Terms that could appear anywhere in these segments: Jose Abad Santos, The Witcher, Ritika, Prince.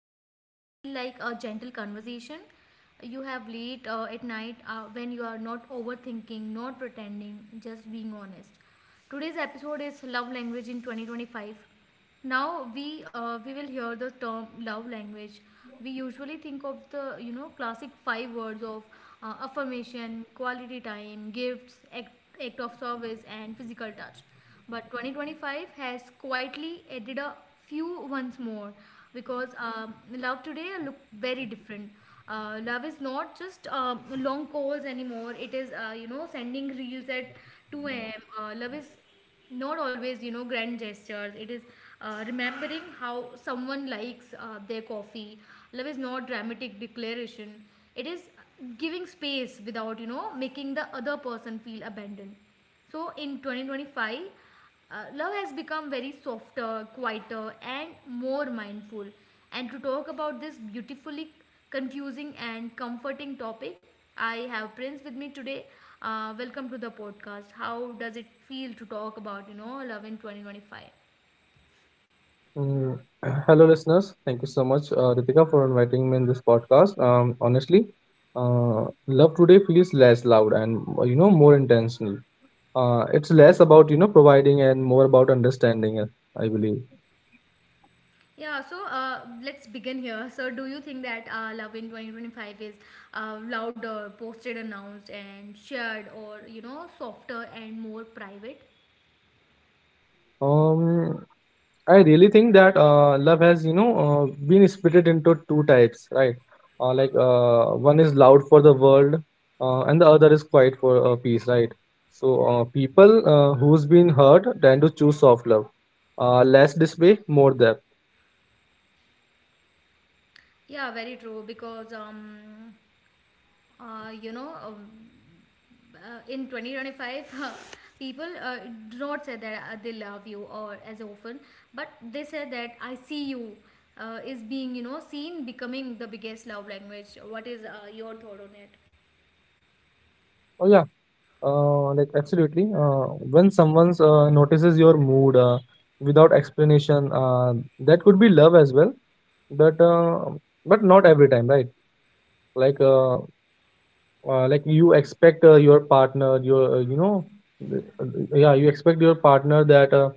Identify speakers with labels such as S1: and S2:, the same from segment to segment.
S1: to feel like a gentle conversation you have late at night when you are not overthinking, not pretending, just being honest. Today's episode is love language in 2025. Now we will hear the term love language. We usually think of the classic 5 words of affirmation, quality time, gifts, act of service, and physical touch. But 2025 has quietly added a few once more because love today look very different. Love is not just long calls anymore. It is sending reels at 2 a.m. Love is not always grand gestures. It is remembering how someone likes their coffee. Love is not dramatic declaration, it is giving space without making the other person feel abandoned. So in 2025 love has become very softer, quieter, and more mindful. And to talk about this beautifully confusing and comforting topic, I have Prince with me today. Welcome to the podcast. How does it feel to talk about love in 2025?
S2: Mm, Hello, listeners. Thank you so much, Ritika, for inviting me in this podcast. Honestly, love today feels less loud and more intentional. It's less about providing and more about understanding. I believe.
S1: Yeah, so let's begin here. So, do you think that love in 2025 is louder, posted, announced, and shared, or you know, softer and more private?
S2: Um, I really think that love has, been split into two types, right? Like, one is loud for the world, and the other is quiet for peace, right? So people who's been hurt tend to choose soft love, less display, more depth.
S1: Yeah, very true. Because you know, in 2025, people do not say that they love you or as often, but they say that I see you is being, you know, seen becoming the biggest love language. What is your thought on it?
S2: Oh yeah, like, absolutely. When someone's notices your mood without explanation, that could be love as well, but uh, but not every time, right? Like. Like you expect your partner. Your uh, you know th- uh, yeah you expect your partner that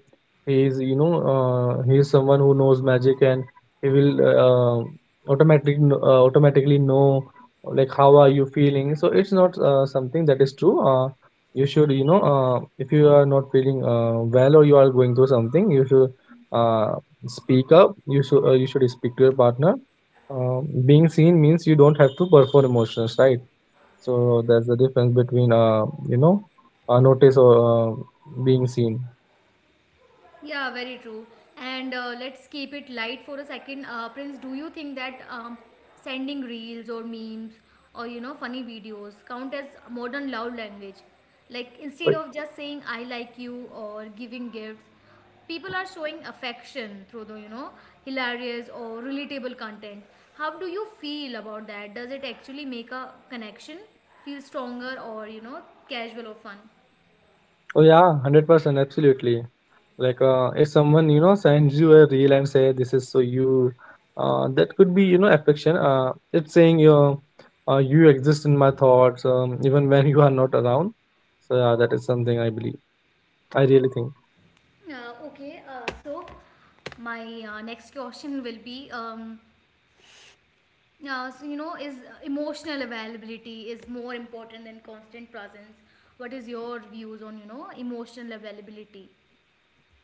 S2: he is, he is someone who knows magic, and he will automatically know like how are you feeling. So it's not something that is true. You should, if you are not feeling well or you are going through something, you should uh, speak up. You should, speak to your partner. Being seen means you don't have to perform emotions, right? So there's a difference between a notice or being seen.
S1: Yeah, very true. And let's keep it light for a second. Prince, do you think that sending reels or memes or funny videos count as modern love language? Like instead
S2: But
S1: of just saying I like you or giving gifts, people are showing affection through the hilarious or relatable content. How do you feel about that? Does it actually make a connection feel stronger or you know, casual or fun?
S2: oh yeah, 100%, absolutely. Like, if someone sends you a reel and say this is so you, that could be, affection. It's saying you exist in my thoughts, even when you are not around. So yeah, that is something I believe. I really think.
S1: Okay, so my next question will be so you know, is emotional availability is more important than constant presence? What is your views on emotional availability?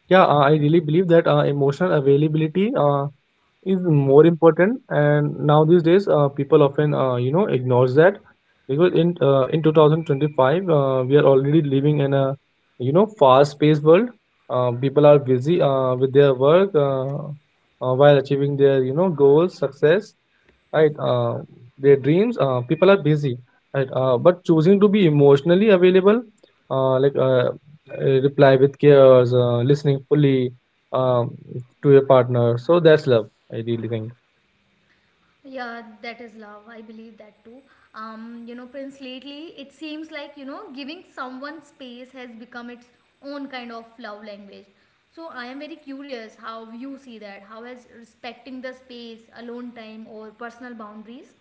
S2: Yeah, I really believe that emotional availability is more important, and now these days people often ignores that, because in 2025, we are already living in a, fast-paced world. People are busy with their work, while achieving their, goals, success, right. Their dreams. People are busy, right. But choosing to be emotionally available, uh, like uh, reply with cares, listening fully, um, to your partner. So that's love, I really think.
S1: Yeah, that is love. I believe that too. You know, Prince, lately it seems like giving someone space has become its own kind of love language. So I am very curious how you see that. How has respecting the space, alone time, or personal boundaries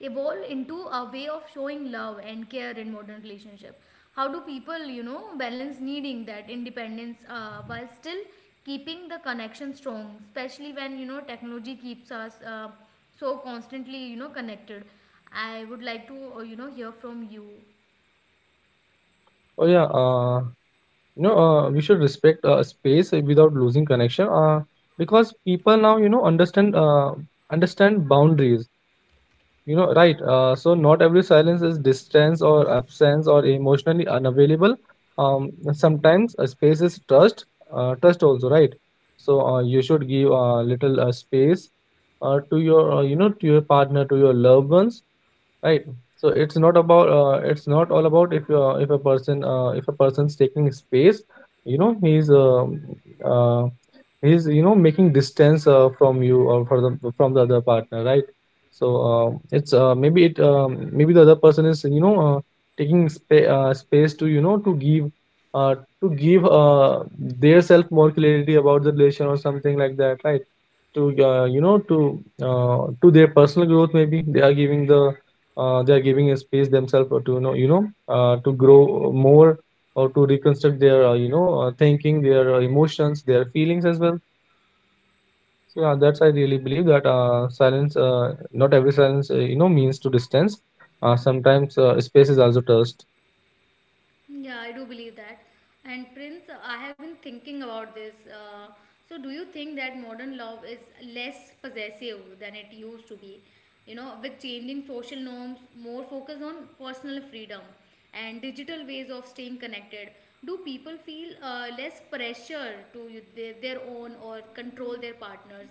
S1: evolve into a way of showing love and care in modern relationship? How do people balance needing that independence while still keeping the connection strong, especially when technology keeps us so constantly connected? I would like to hear from you.
S2: Oh yeah, we should respect space without losing connection, because people now understand boundaries. You know, right. So not every silence is distance or absence or emotionally unavailable. Sometimes a space is trust, trust also, right? So you should give a little space to your, to your partner, to your loved ones, right. So, it's not all about, if a person if a person's taking space. you know he's um uh, he's, making distance from you, or for the from the other partner, right. So it's maybe it maybe the other person is, space to, to give their self more clarity about the relation, or something like that, right. To, to their personal growth. Maybe they are, giving the they are giving a space themselves, or to, to grow more, or to reconstruct their, thinking, their emotions, their feelings as well. So yeah, that's I really believe that silence, not every silence, means to distance. Sometimes, space is also trust.
S1: Yeah, I do believe that. And Prince, I have been thinking about this. So, do you think that modern love is less possessive than it used to be? You know, with changing social norms, more focus on personal freedom and digital ways of staying connected, do people feel less pressure to their own or control their partners?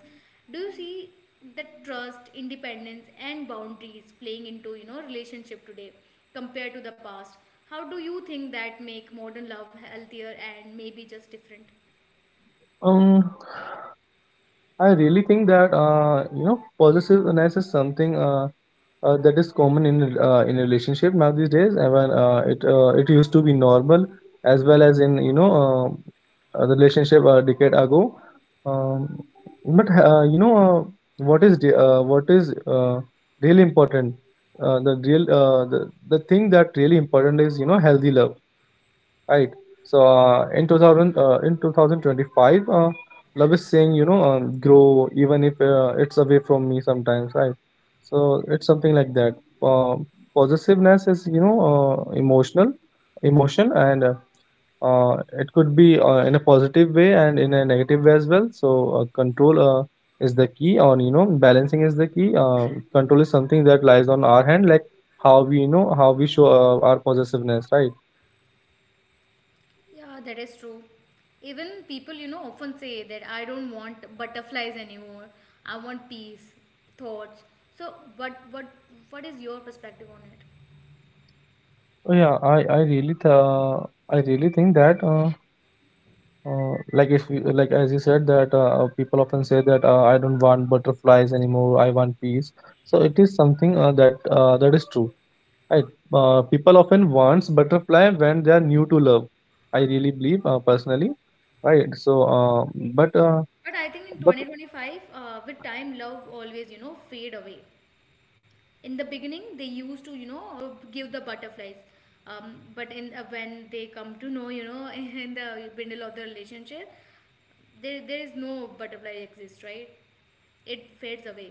S1: Do you see that trust, independence, and boundaries playing into relationship today compared to the past? How do you think that make modern love healthier and maybe just different?
S2: um I really think that, possessiveness is something, that is common in relationship now these days, it used to be normal, as well as in, the relationship a decade ago. Um, but uh, you know uh, what is, really important, uh, the real uh, the, the thing that really important is, healthy love, right. So, in 2025, love is saying, grow, even if it's away from me sometimes, right. So it's something like that. uh, Possessiveness is, emotion, and, uh, it could be in a positive way and in a negative way as well. So, control, is the key on, balancing is the key. Control is something that lies on our hand, like how we, how we show, our possessiveness, right.
S1: Yeah, that is true. Even people, you know, often say that I don't want butterflies anymore. I want peace, thoughts. So, what what is your perspective on it?
S2: Oh, yeah, I really think that, like if you, like as you said that, people often say that, I don't want butterflies anymore, I want peace. So it is something, that is true, right? People often wants butterfly when they are new to love. I really believe, personally, right? So, but uh,
S1: But I think in
S2: but
S1: 2025, with time, love always, you know, fade away. In the beginning, they used to, you know, give the butterflies. But in when they come to know, you know, in the middle of the relationship, there is no butterfly exists, right? It fades away.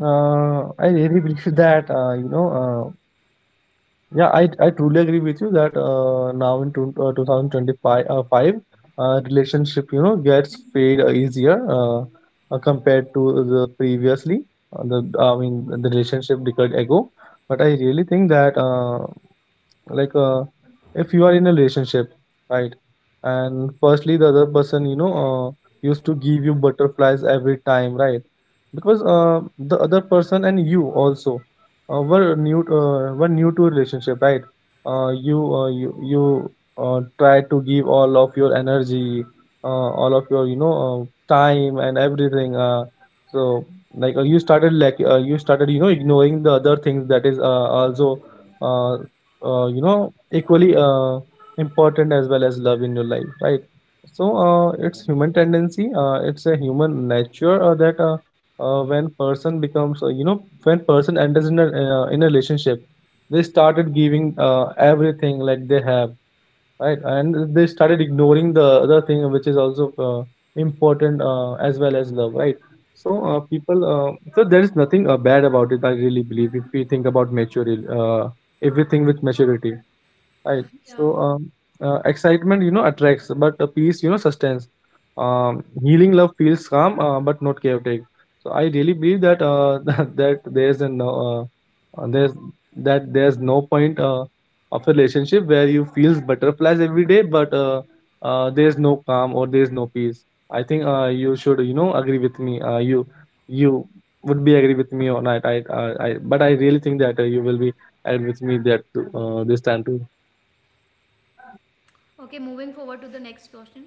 S2: I really believe that. Yeah, I truly agree with you that, 2025, five, relationship, gets fade easier, compared to the previously, the I mean the relationship decade ago. But I really think that, like uh, if you are in a relationship, right, and firstly the other person, used to give you butterflies every time, right, because the other person and you also, were new to relationship, right. You try to give all of your energy, all of your, time and everything. So, like you started, ignoring the other things that is also, uh, equally important, as well as love in your life, right. So it's human tendency, it's a human nature that, when person becomes you know when person enters in a, in a relationship, they started giving everything like they have. Right, and they started ignoring the other thing, which is also important, as well as love, right? So there is nothing bad about it. I really believe, if we think about maturity, if we think with maturity. Right.
S1: Yeah.
S2: So, excitement, you know, attracts, but peace, you know, sustains. Healing love feels calm, but not chaotic. So I really believe that, that there's a no, there's that there's no point of a relationship where you feels butterflies every day, but, there's no calm or there's no peace. I think, you should, you know, agree with me. You would be agree with me or not? I But I really think that, you will be agree with me that, this time too.
S1: Okay, moving forward to the next question.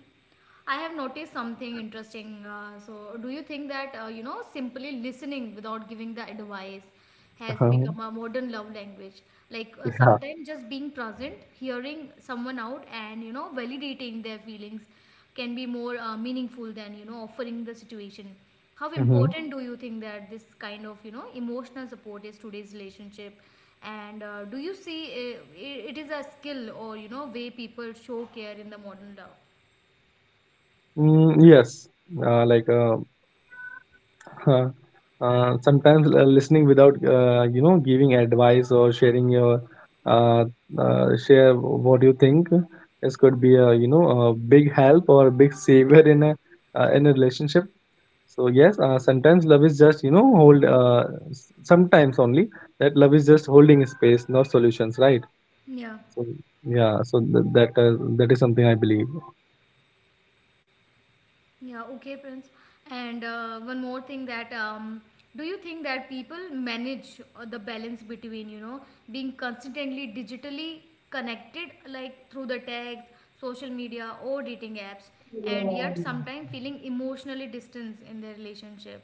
S1: I have noticed something interesting. So, do you think that, you know, simply listening without giving the advice has
S2: Uh-huh.
S1: become a modern love language? Like,
S2: Yeah.
S1: sometimes just being present, hearing someone out, and, you know, validating their feelings can be more meaningful than, you know, offering the situation. How
S2: Mm-hmm.
S1: important do you think that this kind of emotional support is today's relationship, and do you see it? It is a skill or way people show care in the modern love?
S2: Mm, yes. Uh, like uh, sometimes listening without, giving advice, or sharing your uh, share what you think. This could be, a you know a big help, or a big savior in a relationship. So yes, sometimes love is just, sometimes only that love is just holding space, not solutions, right?
S1: Yeah,
S2: So yeah, that is something I believe.
S1: yeah. Okay, Prince, and one more thing that do you think that people manage the balance between being constantly digitally connected, like through the text, social media, or dating apps, and yet sometimes feeling emotionally distanced in their relationship?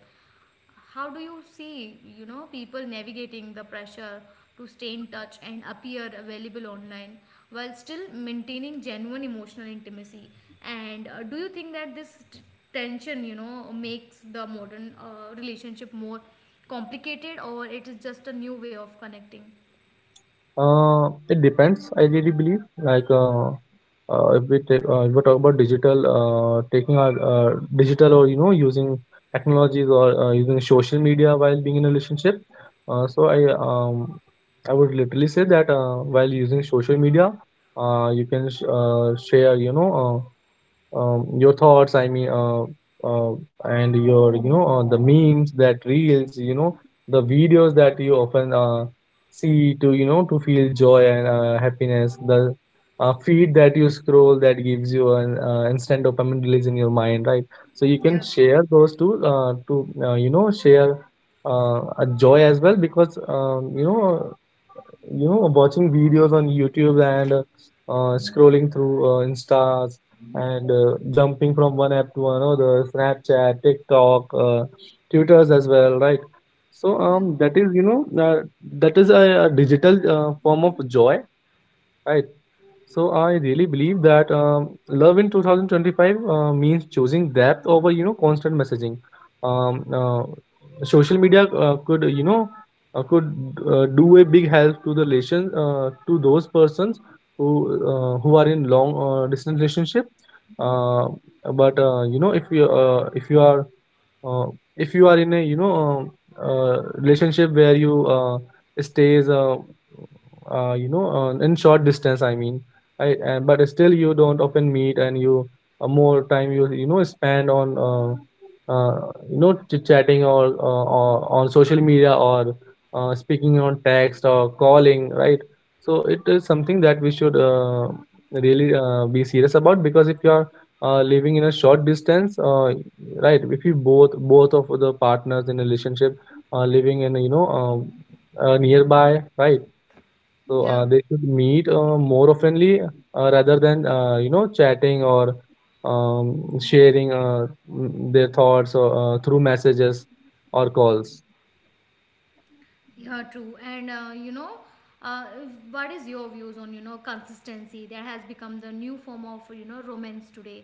S1: How do you see, you know, people navigating the pressure to stay in touch and appear available online while still maintaining genuine emotional intimacy? And do you think that this tension, you know, makes the modern relationship more complicated, or it is just a new way of connecting?
S2: It depends. I really believe, if we talk about digital, taking our digital, or using technologies, or using social media while being in a relationship. So I would literally say that, while using social media, you can, share, uh, your thoughts, I mean, uh, and your, the memes, that reels, the videos that you often see, to, to feel joy and happiness, the feed that you scroll, that gives you an instant dopamine release in your mind, right. So you can
S1: Yeah,
S2: share those two, to, share, a joy as well, because, watching videos on YouTube and, scrolling through Instas, and jumping from one app to another, Snapchat, TikTok, Tutors as well, right? So,
S1: yeah,
S2: that is a digital form of joy, right? So I really believe that, love in 2025 means choosing depth over, constant messaging. Um, uh, Social media could you know could do a big help to the relation, to those persons who who are in long distance relationship. Uh, but uh, if you are in a relationship where you stays, in short distance, I mean. Right, and but still you don't often meet, and you, more time you you know spend on, chit chatting, or on social media, or speaking on text or calling, right? So it is something that we should really be serious about, because if you are living in a short distance, right? If you both of the partners in a relationship are living, in a, nearby, right? So
S1: yeah.
S2: they should meet more oftenly rather than, chatting, or sharing, their thoughts, or through messages or calls.
S1: Yeah, true. And you know, what is your views on consistency that has become the new form of romance today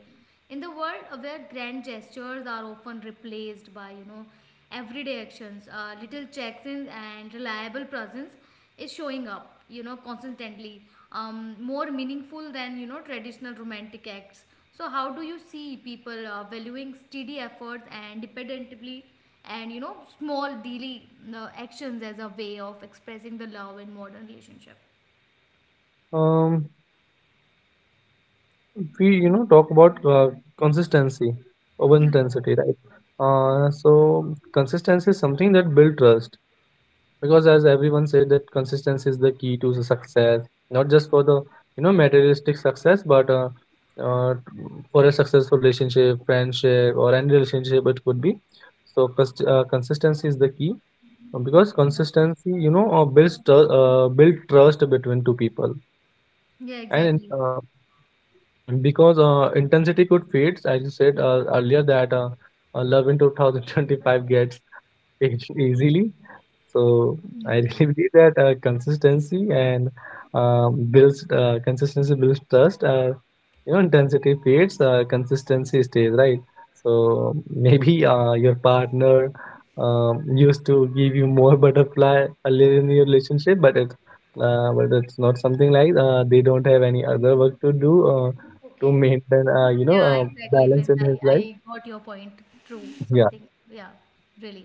S1: in the world, where grand gestures are often replaced by everyday actions, little checks-ins and reliable presence. Is showing up consistently more meaningful than traditional romantic acts? So how do you see people valuing steady efforts and dependently and small daily actions as a way of expressing the love in modern relationship?
S2: Um, we talk about consistency over
S1: Yeah,
S2: intensity, right? So consistency is something that builds trust, because as everyone said that consistency is the key to the success, not just for the materialistic success, but uh, for a successful relationship, friendship, or any relationship it could be. So consistency is the key, because
S1: yeah. Yeah,
S2: consistency builds tr- build trust between two people.
S1: yeah,
S2: And
S1: exactly.
S2: because intensity could fade, as you said earlier, that love in 2025 gets easily. So I
S1: Mm, yeah.
S2: really believe that consistency builds trust. You know, intensity fades, consistency stays, right? So maybe your partner used to give you more butterfly earlier in your relationship, but it's not something like they don't have any other work to do to
S1: Okay.
S2: maintain,
S1: Yeah, exactly,
S2: balance
S1: Prince.
S2: in
S1: I,
S2: his
S1: I
S2: life.
S1: got your point. True.
S2: Yeah.
S1: Something, yeah, really.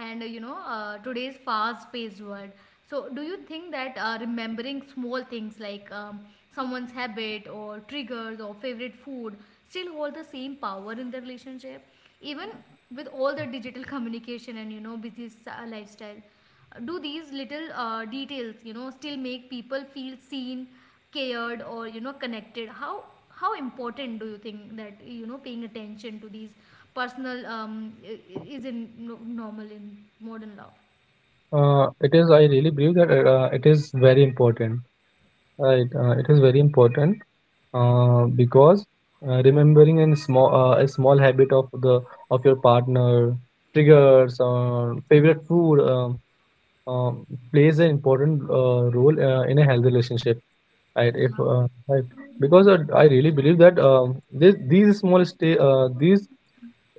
S1: And you know, today's fast-paced world. So, do you think that remembering small things like someone's habit or triggers or favorite food still hold the same power in the relationship, even with all the digital communication and you know, lifestyle? Do these little details still make people feel seen, cared, or connected? How important do you think that paying attention to these personal is in normal in modern love?
S2: It is. I really believe that it is very important. Right? It is very important, because remembering a small habit of your partner, triggers, or favorite food, uh, plays an important role in a healthy relationship. Right? If
S1: Yeah.
S2: Right. Because I really believe that, this, these small stay these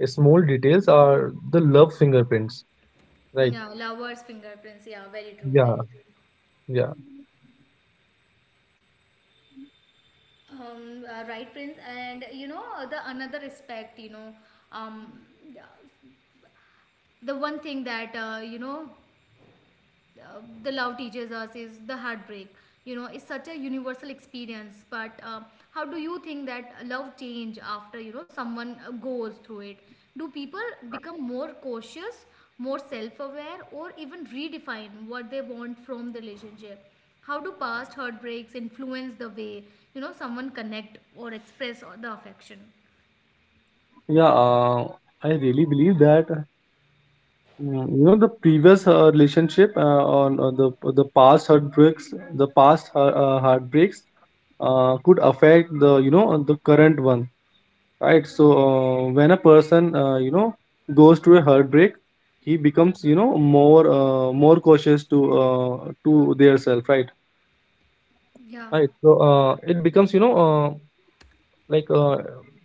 S2: small details are the love fingerprints. Right?
S1: Yeah, lovers' fingerprints. Yeah, very true,
S2: Yeah.
S1: very true.
S2: Yeah.
S1: Um, right, Prince, and you know, the another aspect. You know, um, the one thing that you know, the love teaches us is the heartbreak. You know, it's such a universal experience, but how do you think that love change after someone goes through it? Do people become more cautious, more self-aware, or even redefine what they want from the relationship? How do past heartbreaks influence the way someone connect or express or the affection?
S2: Yeah, I really believe that, the previous relationship, on the past heartbreaks, the past heartbreaks could affect the you know the current one, right. So when a person, goes through a heartbreak, he becomes, more cautious to their self, right.
S1: Yeah,
S2: Right, so it becomes, like,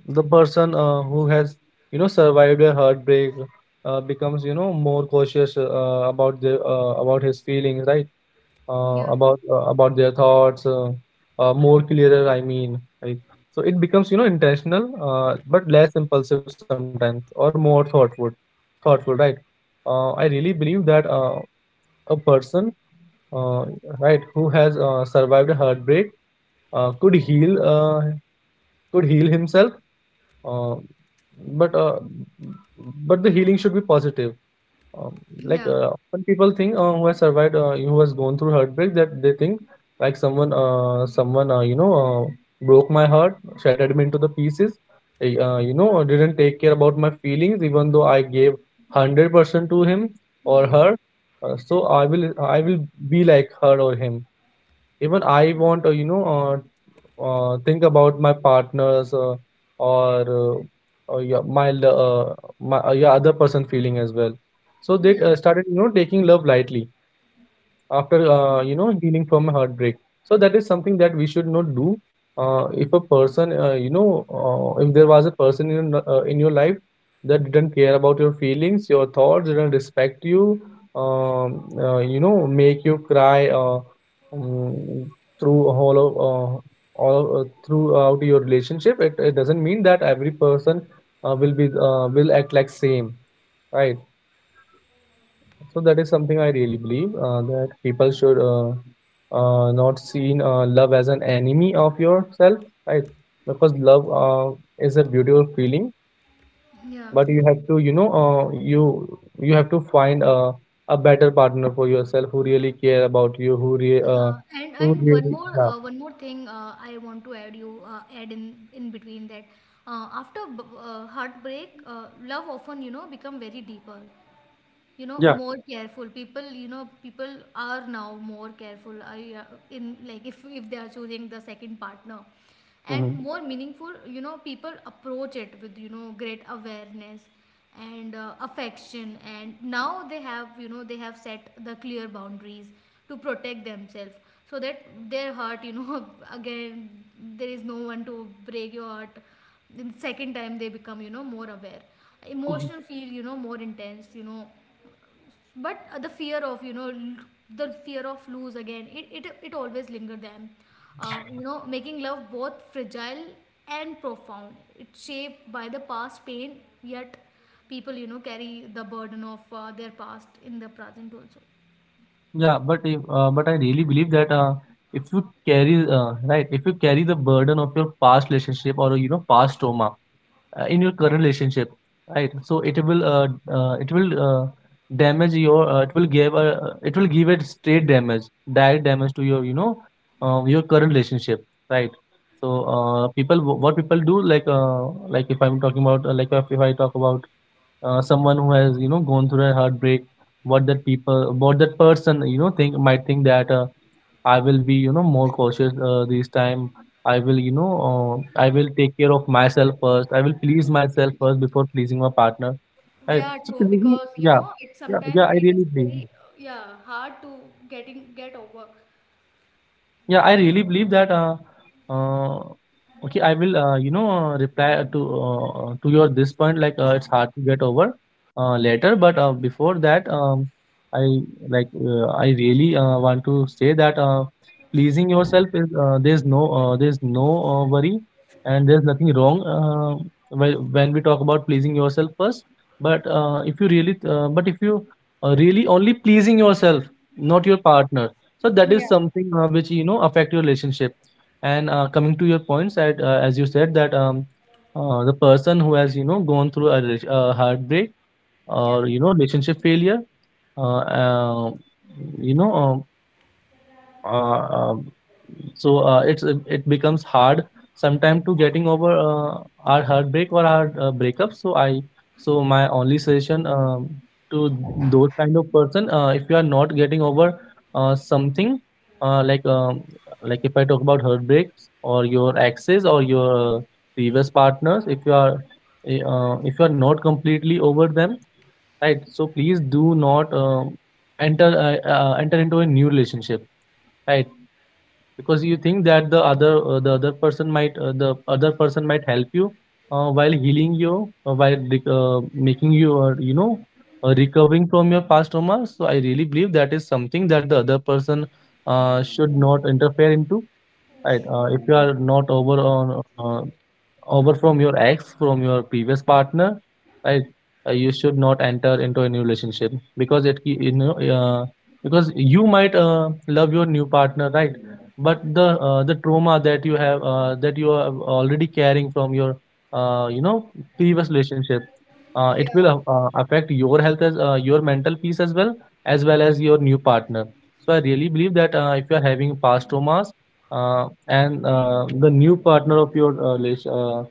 S2: the person who has survived a heartbreak, becomes more cautious about his feelings, right.
S1: yeah,
S2: About their thoughts, more clearer, I mean, like. So it becomes, intentional, but less impulsive sometimes, or more thoughtful, right. I really believe that a person, uh, right, who has survived a heartbreak, could heal, himself, uh, but uh, but the healing should be positive. Like,
S1: yeah,
S2: often people think, who has gone through heartbreak, that they think, like, someone broke my heart, shattered me into the pieces. Didn't take care about my feelings, even though I gave 100% to him or
S1: yeah,
S2: her. So I will be like her or him, even I want to, think about my partners, or yeah, my lo- other person feeling as well. So they
S1: yeah.
S2: started, taking love lightly after
S1: Yeah,
S2: healing from a heartbreak. So that is something that we should not do. If a person you know if there was a person in your life that didn't care about your feelings, your thoughts, didn't respect you, you know make you cry, um, through all of all throughout your relationship. It doesn't mean that every person will act like same, right. So that is something I really believe that people should not seen love as an enemy of yourself, right? Because love is a beautiful feeling,
S1: yeah.
S2: but you have to, you have to find a better partner for yourself, who really care about you, who re uh,
S1: Yeah, and
S2: who really, yeah.
S1: one more thing I want to add in between that after heartbreak, love often you know become very deeper, you know,
S2: Yeah.
S1: more careful. People, you know, people are now more careful. Yeah, in like, if they are choosing the second partner and
S2: Hmm.
S1: more meaningful, you know, people approach it with great awareness and affection, and now they have you know, they have set the clear boundaries to protect themselves so that their heart, you know, again, there is no one to break your heart. Then second time they become you know more aware, emotional feel you know more intense, you know, but the fear of the fear of lose again, it always linger them, you know, making love both fragile and profound. It's shaped by the past pain, yet people carry the burden of their past in the present also.
S2: Yeah, but if, but I really believe that, if you if you carry the burden of your past relationship, or past trauma, in your current relationship, right. So it will, it will, damage your, it will give a it will give a straight damage, direct damage to your you know your current relationship, right. So people, what people do, like, like if I'm talking about like if I talk about, someone who has gone through a heartbreak, what that person think might think that, I will be, more cautious this time. I will take care of myself first, I will please myself first before pleasing my partner, right.
S1: Yeah,
S2: So
S1: true,
S2: pleasing.
S1: because you
S2: Yeah.
S1: know, it
S2: Yeah. Yeah. I
S1: sometimes it
S2: really
S1: is very
S2: believe.
S1: yeah, hard to get over.
S2: Yeah, I really believe that. Uh, okay, I will. You know, reply to your this point. Like, it's hard to get over later, but before that, I like. I really want to say that pleasing yourself is, there's no worry, and there's nothing wrong when we talk about pleasing yourself first. But if you really only pleasing yourself, not your partner, so that is
S1: Yeah,
S2: something which affect your relationship. And coming to your points that as you said that, the person who has gone through a heartbreak,
S1: yeah,
S2: or relationship failure, uh, uh, you know. um, uh, um, so, it becomes hard sometimes to getting over our heartbreak, or our breakup. So my only suggestion, to those kind of person, if you are not getting over something, uh, like um, like if I talk about heartbreaks, or your exes, or your previous partners, if you are not completely over them, right. So please do not, enter into a new relationship, right. Because you think that the other, the other person might help you, while making you, you know recovering from your past trauma. So I really believe that is something that the other person should not interfere into, right. If you are not over on uh, over from your ex, from your previous partner, right? You should not enter into a new relationship, because it ki- you know because you might love your new partner, right? But the trauma that you are already carrying from your, uh, you know previous relationship,
S1: yeah,
S2: affect your health, as your mental peace, as well, as your new partner. So I really believe that if you are having past traumas, and the new partner of your uh, relas- uh,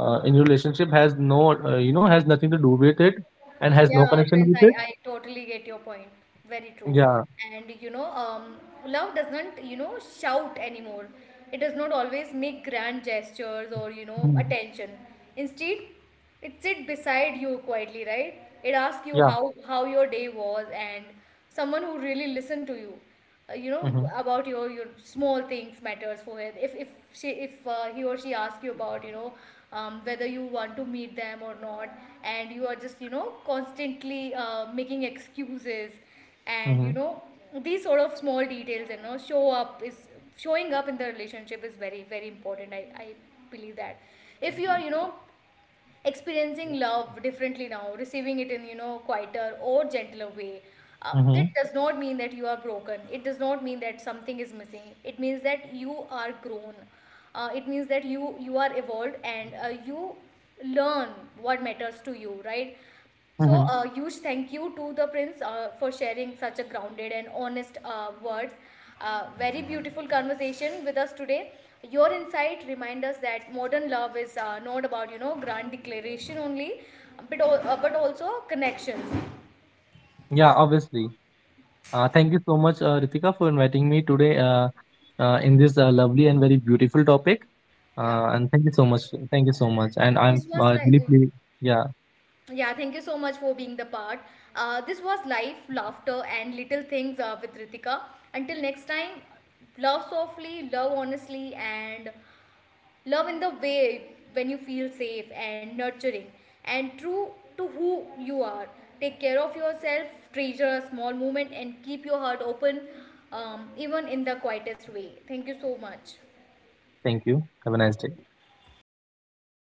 S2: uh, in your relationship has no you know has nothing to do with it, and has no
S1: yeah,
S2: connection
S1: Prince,
S2: with
S1: I,
S2: it.
S1: I totally get your point. Very true.
S2: Yeah.
S1: And you know, shout anymore, it is always hand gesture
S2: Mhm.
S1: instead. It sit beside you quietly, right?
S2: Yeah.
S1: How your day was, and someone who really listened to you, you know,
S2: Mm-hmm.
S1: about your small things matters for her. If she if he or she asks you about you know, whether you want to meet them or not, and you are just you know, constantly making excuses. And
S2: Mm-hmm.
S1: you know, these sort of small details, you know, showing up in the relationship is very very important. I believe that if you are you know experiencing love differently now, receiving it in, you know, quieter or gentler way.
S2: Mm-hmm.
S1: That does not mean that you are broken. It does not mean that something is missing. It means that you are grown. It means that you are evolved, and you learn what matters to you, right? So,
S2: Mm-hmm.
S1: a huge thank you to the Prince for sharing such a grounded and honest words. Very beautiful conversation with us today. Your insight remind us that modern love is not about you know grand declaration only, but but also connections.
S2: Yeah, obviously. Thank you so much Ritika, for inviting me today, in this, lovely and very beautiful topic.
S1: Yeah,
S2: And thank you so much, and I'm
S1: this was like,
S2: really yeah,
S1: yeah. Thank you so much for being the part. This was life, laughter, and little things with Ritika. Until next time, love softly, love honestly, and love in the way when you feel safe and nurturing and true to who you are. Take care of yourself, treasure a small moment, and keep your heart open, even in the quietest way. Thank you so much.
S2: thank you. Have a nice day.